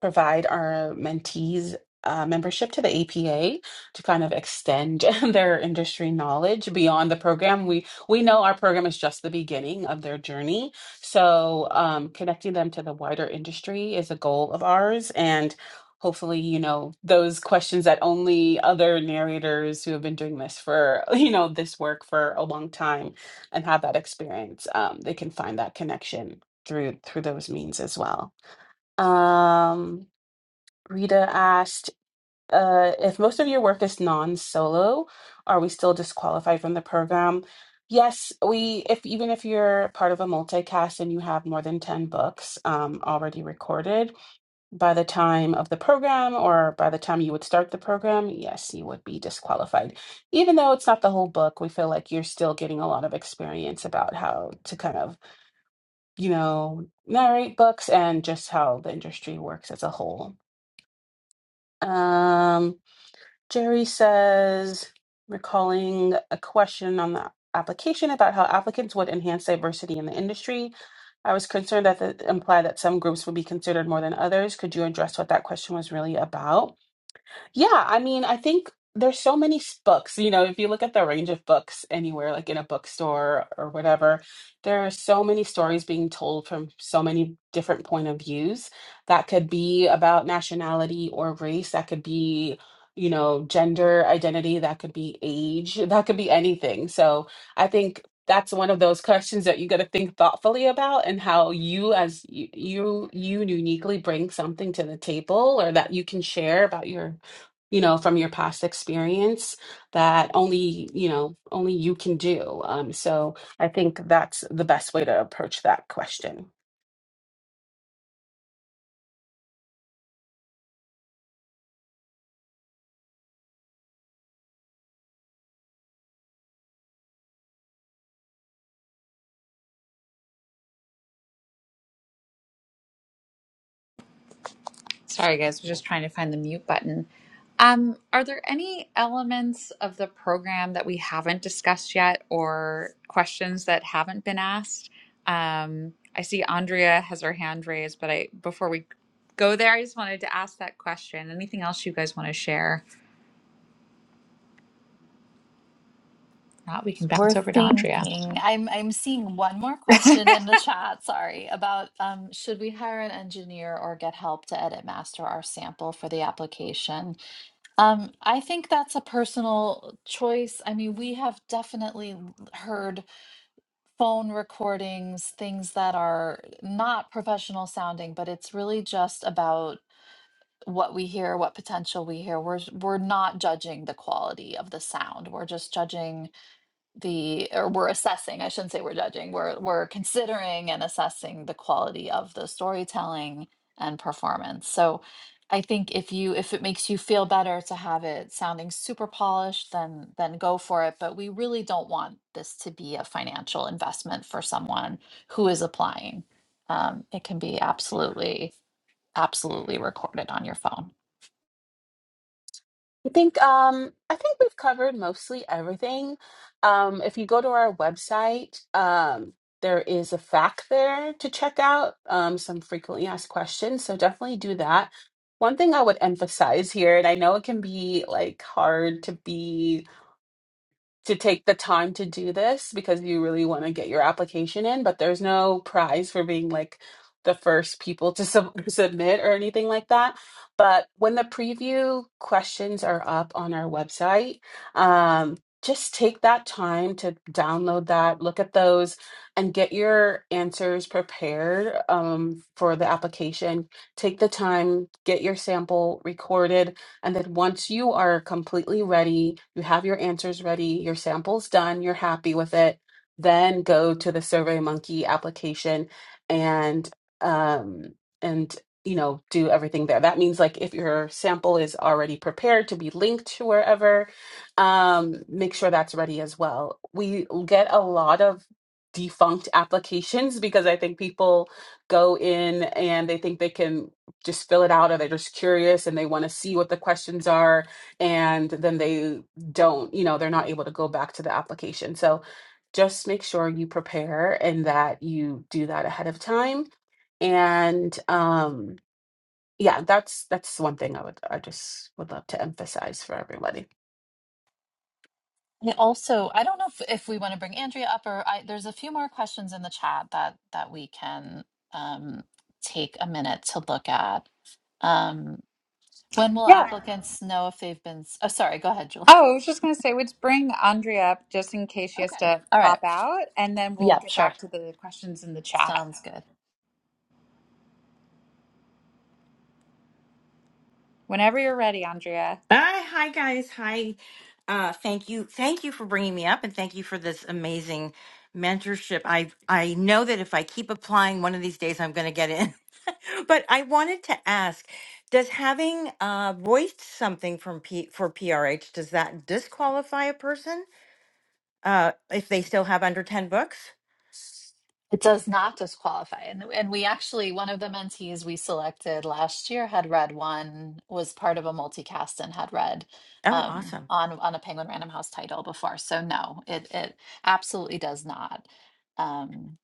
Speaker 1: provide our mentees uh, membership to the APA to kind of extend their industry knowledge beyond the program. We we know our program is just the beginning of their journey, so um, connecting them to the wider industry is a goal of ours, and hopefully, you know, those questions that only other narrators who have been doing this for you know this work for a long time and have that experience, um, they can find that connection through through those means as well. Um, Rita asked, uh, if most of your work is non-solo, are we still disqualified from the program? Yes, we if even if you're part of a multicast and you have more than 10 books um, already recorded, by the time of the program or by the time you would start the program, yes, you would be disqualified. Even though it's not the whole book, we feel like you're still getting a lot of experience about how to kind of, you know, narrate books and just how the industry works as a whole. Um, Jerry says, recalling a question on the application about how applicants would enhance diversity in the industry. I was concerned that it implied that some groups would be considered more than others. Could you address what that question was really about? Yeah, I mean, I think there's so many s- books. You know, if you look at the range of books anywhere, like in a bookstore or whatever, there are so many stories being told from so many different point of views. That could be about nationality or race. That could be, you know, gender identity. That could be age. That could be anything. So I think that's one of those questions that you got to think thoughtfully about and how you as you, you you uniquely bring something to the table or that you can share about your you know, from your past experience that only, you know, only you can do. Um, so I think that's the best way to approach that question.
Speaker 3: Sorry, guys, we're just trying to find the mute button. Um, are there any elements of the program that we haven't discussed yet or questions that haven't been asked? Um, I see Andrea has her hand raised, but I before we go there, I just wanted to ask that question. Anything else you guys want to share? If not, we can
Speaker 4: We're
Speaker 3: bounce over to Andrea.
Speaker 4: thinking. I'm I'm seeing one more question in the chat, sorry, about um should we hire an engineer or get help to edit master our sample for the application? Um I think that's a personal choice. I mean, we have definitely heard phone recordings, things that are not professional sounding, but it's really just about what we hear, what potential we hear. We're we're not judging the quality of the sound. We're just judging the or we're assessing i shouldn't say we're judging we're we're considering and assessing the quality of the storytelling and performance so i think if you if it makes you feel better to have it sounding super polished then then go for it but we really don't want this to be a financial investment for someone who is applying um, it can be absolutely absolutely record it on your phone.
Speaker 1: I think um, I think we've covered mostly everything. Um, if you go to our website, um, there is a fact there to check out, um, some frequently asked questions. So definitely do that. One thing I would emphasize here, and I know it can be like hard to be to take the time to do this because you really want to get your application in, but there's no prize for being like the first people to sub submit or anything like that. But when the preview questions are up on our website, um, just take that time to download that, look at those, and get your answers prepared um, for the application. Take the time, get your sample recorded, and then once you are completely ready, you have your answers ready, your sample's done, you're happy with it, then go to the SurveyMonkey application and um and you know do everything there. That means like if your sample is already prepared to be linked to wherever, um, make sure that's ready as well. We get a lot of defunct applications because I think people go in and they think they can just fill it out or they're just curious and they want to see what the questions are and then they don't you know they're not able to go back to the application so just make sure you prepare and that you do that ahead of time and um yeah that's that's one thing i would i just would love to emphasize for everybody
Speaker 4: And also, I don't know if, if we want to bring Andrea up or I, there's a few more questions in the chat that that we can um, take a minute to look at. Um, When will
Speaker 3: Yeah.
Speaker 4: applicants know if they've been? s- Oh, sorry. Go ahead, Julie.
Speaker 3: Oh, I was just going to say, let's bring Andrea up just in case she has
Speaker 4: Okay.
Speaker 3: to
Speaker 4: All right.
Speaker 3: pop out, and then we'll
Speaker 4: Yep.
Speaker 3: get
Speaker 4: Sure.
Speaker 3: back to the questions in the chat.
Speaker 4: Sounds good.
Speaker 3: Whenever you're ready, Andrea.
Speaker 7: Hi, hi guys. Hi. Uh, thank you. Thank you for bringing me up and thank you for this amazing mentorship. I I know that if I keep applying one of these days I'm going to get in. but I wanted to ask, does having uh voiced something from P- for PRH does that disqualify a person uh if they still have under 10 books?
Speaker 4: It does not disqualify, and and we actually one of the mentees we selected last year had read one was part of a multicast and had read
Speaker 7: Oh,
Speaker 4: um,
Speaker 7: awesome.
Speaker 4: on on a Penguin Random House title before. So no, it it absolutely does not. Um,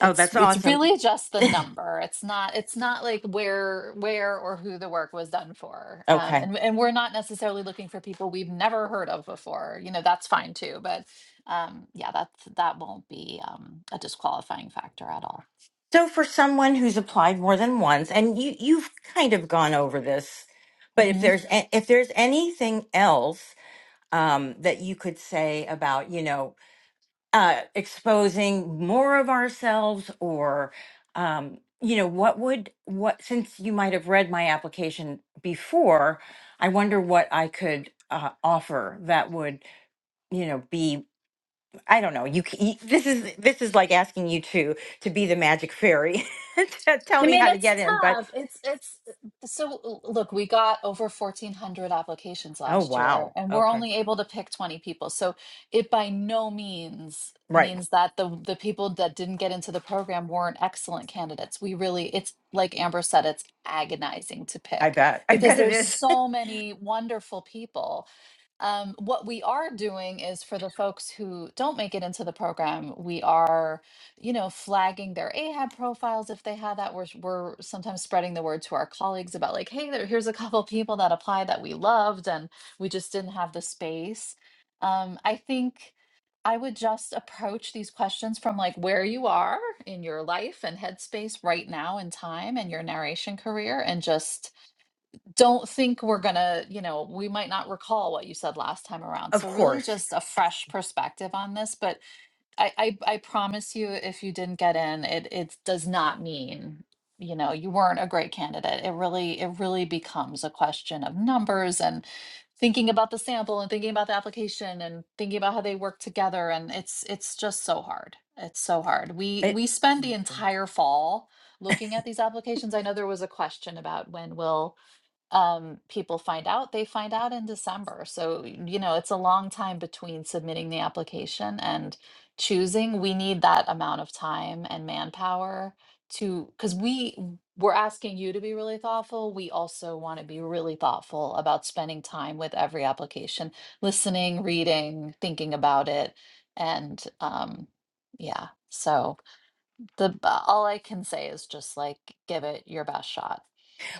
Speaker 7: Oh,
Speaker 4: it's
Speaker 7: that's
Speaker 4: it's
Speaker 7: awesome.
Speaker 4: really just the number it's not it's not like where where or who the work was done for um
Speaker 7: okay.
Speaker 4: and and we're not necessarily looking for people we've never heard of before you know that's fine too but um yeah that's that won't be um a disqualifying factor at all
Speaker 7: So for someone who's applied more than once, and you you've kind of gone over this, but if there's a- if there's anything else um, that you could say about you know uh, exposing more of ourselves, or um, you know what would what since you might have read my application before, I wonder what I could uh, offer that would you know be I don't know. You, c- y- this is this is like asking you to to be the magic fairy to tell
Speaker 4: I
Speaker 7: me
Speaker 4: mean,
Speaker 7: how to
Speaker 4: it's
Speaker 7: get in. But
Speaker 4: tough. It's it's so look, we got over 1400 applications
Speaker 7: oh
Speaker 4: last year
Speaker 7: wow,
Speaker 4: and we're
Speaker 7: okay,
Speaker 4: only able to pick 20 people. So it by no means
Speaker 7: right.
Speaker 4: means that the the people that didn't get into the program weren't excellent candidates. We really it's like Amber said it's agonizing to
Speaker 7: I
Speaker 4: pick
Speaker 7: bet. I
Speaker 4: because
Speaker 7: bet it
Speaker 4: there's
Speaker 7: is.
Speaker 4: so many wonderful people um, what we are doing is for the folks who don't make it into the program, we are, you know, flagging their AHAB profiles if they have that. We're, we're sometimes spreading the word to our colleagues about like, hey, there, here's a couple people that applied that we loved and we just didn't have the space. Um, I think I would just approach these questions from like where you are in your life and headspace right now in time and your narration career and just don't think we're gonna, you know, we might not recall what you said last time around.
Speaker 7: of
Speaker 4: So really
Speaker 7: course.
Speaker 4: just a fresh perspective on this. But I I, I promise you if you didn't get in, it it does not mean you know you weren't a great candidate it really it really becomes a question of numbers and thinking about the sample and thinking about the application and thinking about how they work together and it's it's just so hard it's so hard we
Speaker 7: It,
Speaker 4: we spend the entire fall looking at these applications i know there was a question about when will um, people find out, they find out in December. So, you know, it's a long time between submitting the application and choosing. We need that amount of time and manpower to, because we we're asking you to be really thoughtful. We also want to be really thoughtful about spending time with every application, listening, reading, thinking about it, and um, yeah. So the all I can say is just like give it your best shot.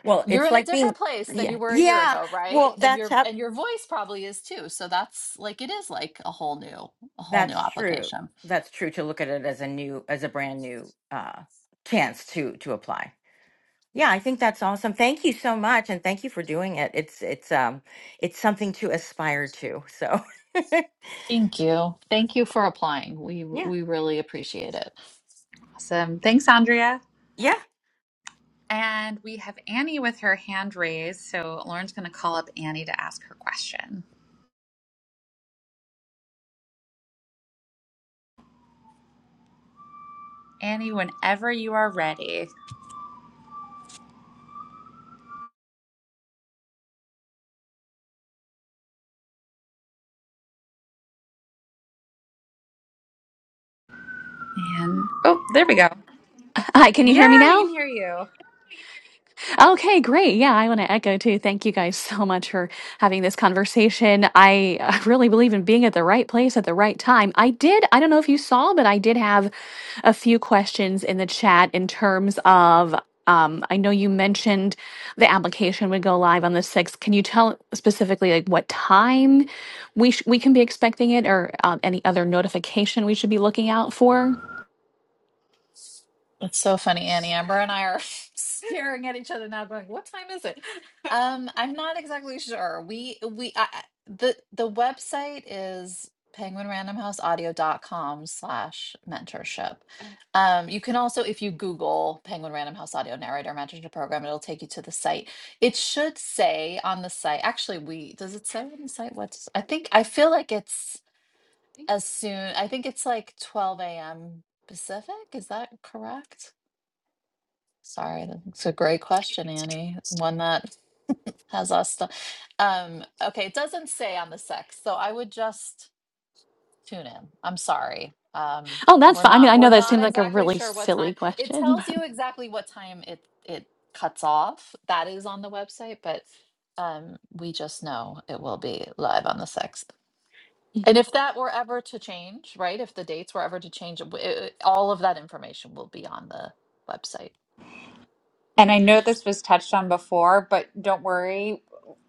Speaker 7: well,
Speaker 4: You're
Speaker 7: it's
Speaker 4: in a
Speaker 7: like being
Speaker 4: different place than you
Speaker 7: yeah
Speaker 4: were a year
Speaker 7: yeah.
Speaker 4: ago, right?
Speaker 7: Well,
Speaker 4: And
Speaker 7: that's
Speaker 4: your
Speaker 7: up.
Speaker 4: and your voice probably is too. So that's like it is like a whole new a whole new
Speaker 7: That's true.
Speaker 4: application.
Speaker 7: That's true. To look at it as a new as a brand new uh chance to to apply. Yeah, I think that's awesome. Thank you so much, and thank you for doing it. It's it's um it's something to aspire to. So
Speaker 4: Thank you. Thank you for applying. We
Speaker 7: yeah,
Speaker 4: we really appreciate it.
Speaker 3: Awesome. Thanks, Andrea.
Speaker 7: yeah.
Speaker 3: And we have Annie with her hand raised. So Lauren's going to call up Annie to ask her question. Annie, whenever you are ready. And oh, there we go.
Speaker 8: Hi, can you
Speaker 3: Yeah,
Speaker 8: hear me
Speaker 3: we
Speaker 8: now?
Speaker 3: can hear you.
Speaker 8: Okay, great. Yeah, I want to echo too. Thank you guys so much for having this conversation. I uh, really believe in being at the right place at the right time. I did, I don't know if you saw, but I did have a few questions in the chat in terms of. Um, I know you mentioned the application would go live on the 6th. Can you tell specifically like what time we sh- we can be expecting it or um, any other notification we should be looking out for?
Speaker 4: That's so funny, Annie. Amber and I are staring at each other now, going, "What time is it?" Um, I'm not exactly sure. We we I, I- the the website is penguin random house audio dot com slash mentorship. Um, you can also, if you Google Penguin Random House Audio Narrator Mentorship Program, it'll take you to the site. It should say on the site. Actually, we does it say on the site? What's I think I feel like it's as soon. I think it's like 12 a.m. Pacific. Is that correct? Sorry, that's a great question, Annie. One that has us. stu- um, okay, it doesn't say on the sex, so I would just tune in. I'm sorry. Um,
Speaker 8: Oh, that's
Speaker 4: we're
Speaker 8: fine. I mean,
Speaker 4: not
Speaker 8: I
Speaker 4: we're
Speaker 8: know that
Speaker 4: not
Speaker 8: seems like a
Speaker 4: exactly
Speaker 8: really
Speaker 4: sure what time.
Speaker 8: silly
Speaker 4: It
Speaker 8: question.
Speaker 4: tells you exactly what time it it cuts off. That is on the website, but um, we just know it will be live on the sixth. And if that were ever to change, right? If the dates were ever to change, it, w- it, all of that information will be on the website.
Speaker 3: And I know this was touched on before, but don't worry.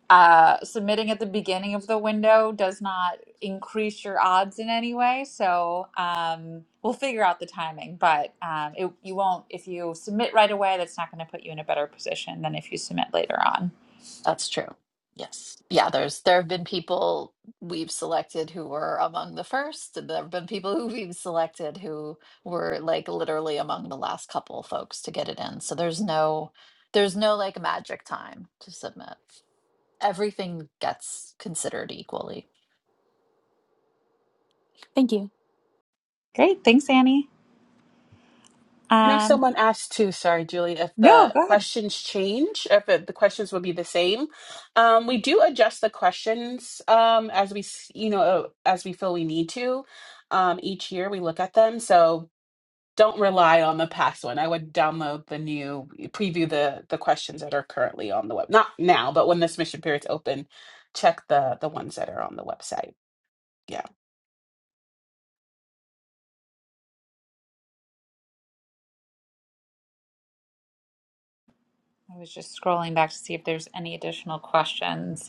Speaker 3: uh, submitting at the beginning of the window does not increase your odds in any way. So um, we'll figure out the timing, but um, it, you won't, if you submit right away, that's not going to put you in a better position than if you submit later on.
Speaker 4: That's true. Yes. Yeah, there's there have been people we've selected who were among the first, and there have been people who we've selected who were like literally among the last couple folks to get it in. So there's no there's no like magic time to submit. Everything gets considered equally.
Speaker 8: Thank you.
Speaker 3: Great. Thanks, Annie.
Speaker 1: Now,
Speaker 3: Um,
Speaker 1: someone asked too, sorry, Julie, if
Speaker 3: no,
Speaker 1: the
Speaker 3: go ahead.
Speaker 1: questions change, if the, the questions will be the same. Um, we do adjust the questions um, as we, s- you know, uh, as we feel we need to. Um, each year we look at them, so don't rely on the past one. I would download the new, preview the the questions that are currently on the web. Not now, but when the submission period's open, check the the ones that are on the website. Yeah.
Speaker 3: I was just scrolling back to see if there's any additional questions.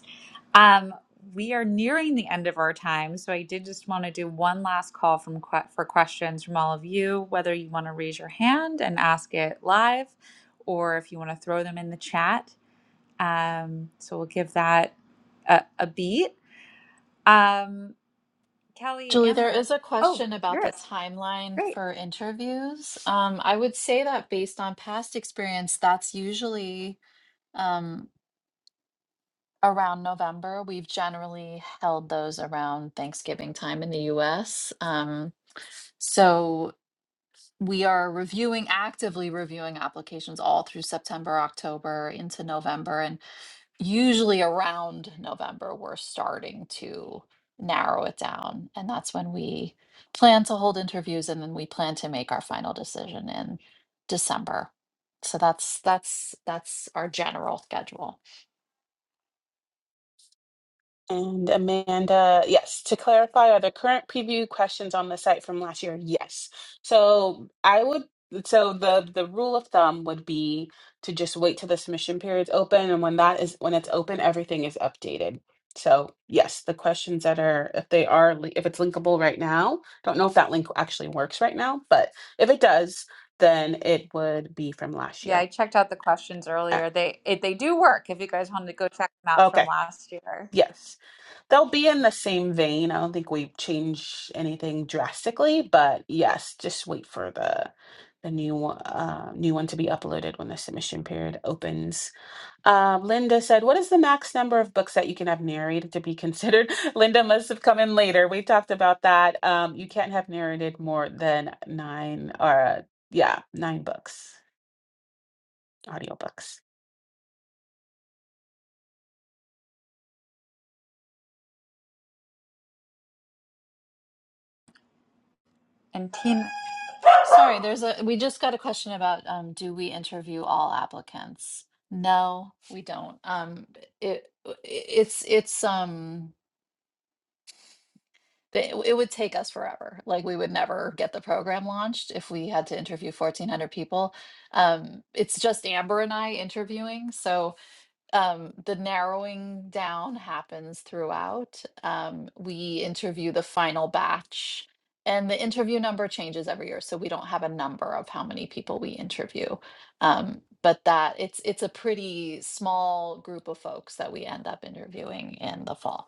Speaker 3: Um, we are nearing the end of our time, so I did just want to do one last call from que- for questions from all of you. Whether you want to raise your hand and ask it live, or if you want to throw them in the chat. Um, so we'll give that a, a beat. Um, Kelly
Speaker 4: Julie, there
Speaker 3: Amber.
Speaker 4: is a
Speaker 3: Oh,
Speaker 4: question about the
Speaker 3: yours.
Speaker 4: timeline
Speaker 3: Great.
Speaker 4: for interviews. Um, I would say that based on past experience, that's usually um, around November. We've generally held those around Thanksgiving time in the US. Um, so we are reviewing, actively reviewing applications all through September, October, into November. And usually around November, we're starting to narrow it down. And that's when we plan to hold interviews and then we plan to make our final decision in December. So that's that's that's our general schedule.
Speaker 1: And Amanda, yes, to clarify, are the current preview questions on the site from last year? Yes. So I would, so the the rule of thumb would be to just wait till the submission period's open, and when that is when it's open, everything is updated. So yes, the questions that are if they are li- if it's linkable right now, don't know if that link actually works right now, but if it does, then it would be from last
Speaker 3: Yeah, I
Speaker 1: year.
Speaker 3: checked out the questions
Speaker 1: Ah,
Speaker 3: earlier. They it, they do work. If you guys wanted to go check them out from
Speaker 1: Okay.
Speaker 3: last year.
Speaker 1: Yes. They'll be in the same vein. I don't think we change anything drastically, but yes, just wait for the the new one- uh, new one to be uploaded when the submission period opens. Uh, Linda said, "What is the max number of books that you can have narrated to be considered?" Linda must have come in later. We talked about that. Um, you can't have narrated more than nine or uh, yeah, nine books, audiobooks.
Speaker 3: And Tina.
Speaker 4: Sorry, there's a we just got a question about um, do we interview all applicants? No, we don't. Um, it it's it's um it, it would take us forever. Like we would never get the program launched if we had to interview 1400 people. Um, it's just Amber and I interviewing, so um, the narrowing down happens throughout. Um, we interview the final batch, and the interview number changes every year, so we don't have a number of how many people we interview. Um, but that it's it's a pretty small group of folks that we end up interviewing in the fall.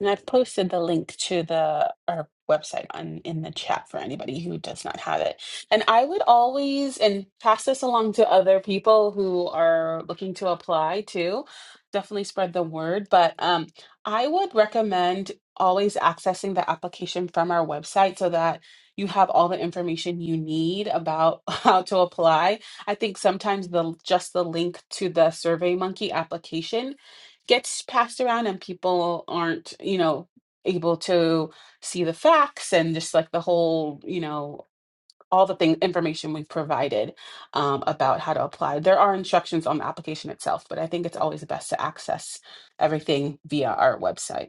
Speaker 1: And I've posted the link to the our website on in the chat for anybody who does not have it. And I would always and pass this along to other people who are looking to apply too. Definitely spread the word, but um, I would recommend always accessing the application from our website so that you have all the information you need about how to apply. I think sometimes the just the link to the SurveyMonkey application gets passed around and people aren't you know able to see the facts and just like the whole you know all the thing information we've provided um, about how to apply there are instructions on the application itself but i think it's always best to access everything via our website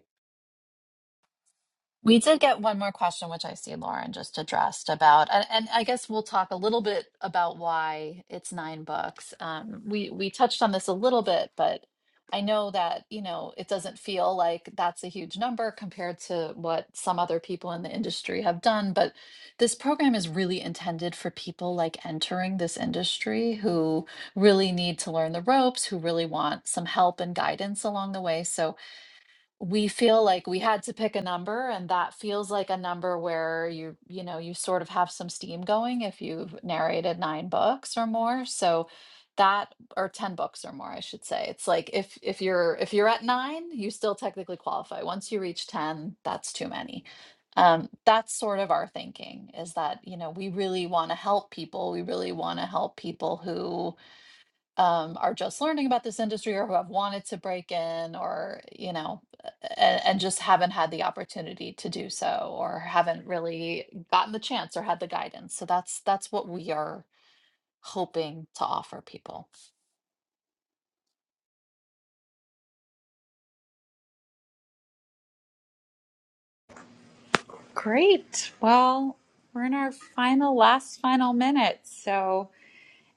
Speaker 4: We did get one more question, which I see Lauren just addressed about, and, and I guess we'll talk a little bit about why it's nine books. Um, we we touched on this a little bit, but I know that you know it doesn't feel like that's a huge number compared to what some other people in the industry have done. But this program is really intended for people like entering this industry who really need to learn the ropes, who really want some help and guidance along the way. So we feel like we had to pick a number and that feels like a number where you you know you sort of have some steam going if you've narrated nine books or more so that or 10 books or more I should say it's like if if you're if you're at 9 you still technically qualify once you reach 10 that's too many um that's sort of our thinking is that you know we really want to help people we really want to help people who um, are just learning about this industry or who have wanted to break in or you know and, and just haven't had the opportunity to do so or haven't really gotten the chance or had the guidance so that's that's what we are hoping to offer people
Speaker 3: Great. Well, we're in our final, last final minutes. So,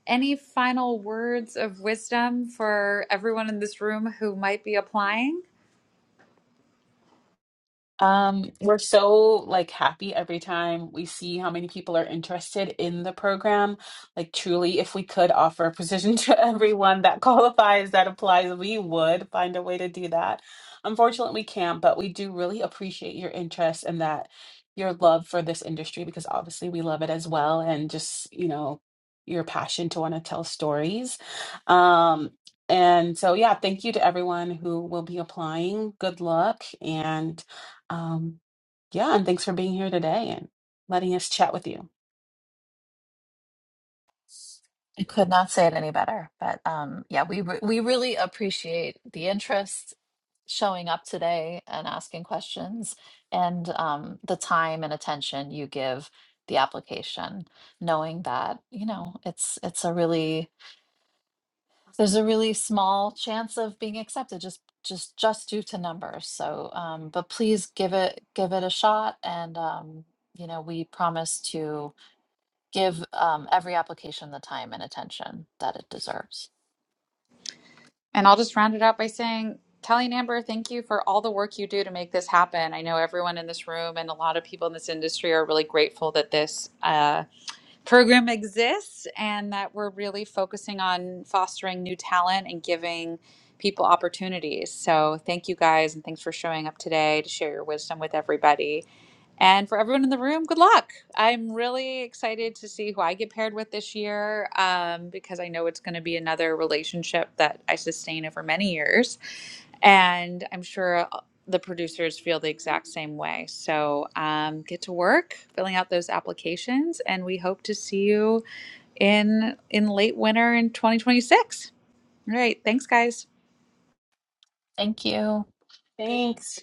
Speaker 3: any final words of wisdom for everyone in this room who might be applying?
Speaker 1: Um, we're so like happy every time we see how many people are interested in the program. Like truly, if we could offer a position to everyone that qualifies, that applies, we would find a way to do that. Unfortunately, we can't, but we do really appreciate your interest and that your love for this industry because obviously we love it as well and just, you know, your passion to want to tell stories. Um, and so, yeah, thank you to everyone who will be applying. Good luck. And um, yeah, and thanks for being here today and letting us chat with you.
Speaker 4: i could not say it any better but um yeah we re- we really appreciate the interest showing up today and asking questions and um, the time and attention you give the application knowing that you know it's it's a really there's a really small chance of being accepted just just just due to numbers so um but please give it give it a shot and um you know we promise to give um every application the time and attention that it deserves
Speaker 3: And I'll just round it out by saying, Kelly and Amber, thank you for all the work you do to make this happen. I know everyone in this room and a lot of people in this industry are really grateful that this. uh, program exists and that we're really focusing on fostering new talent and giving people opportunities. So, thank you guys and thanks for showing up today to share your wisdom with everybody. And for everyone in the room, good luck. I'm really excited to see who I get paired with this year um, because I know it's going to be another relationship that I sustain over many years. And I'm sure uh, the producers feel the exact same way. So um, get to work filling out those applications, and we hope to see you in in late winter in 2026. All right, thanks, guys.
Speaker 4: thank you Thank
Speaker 1: Thanks.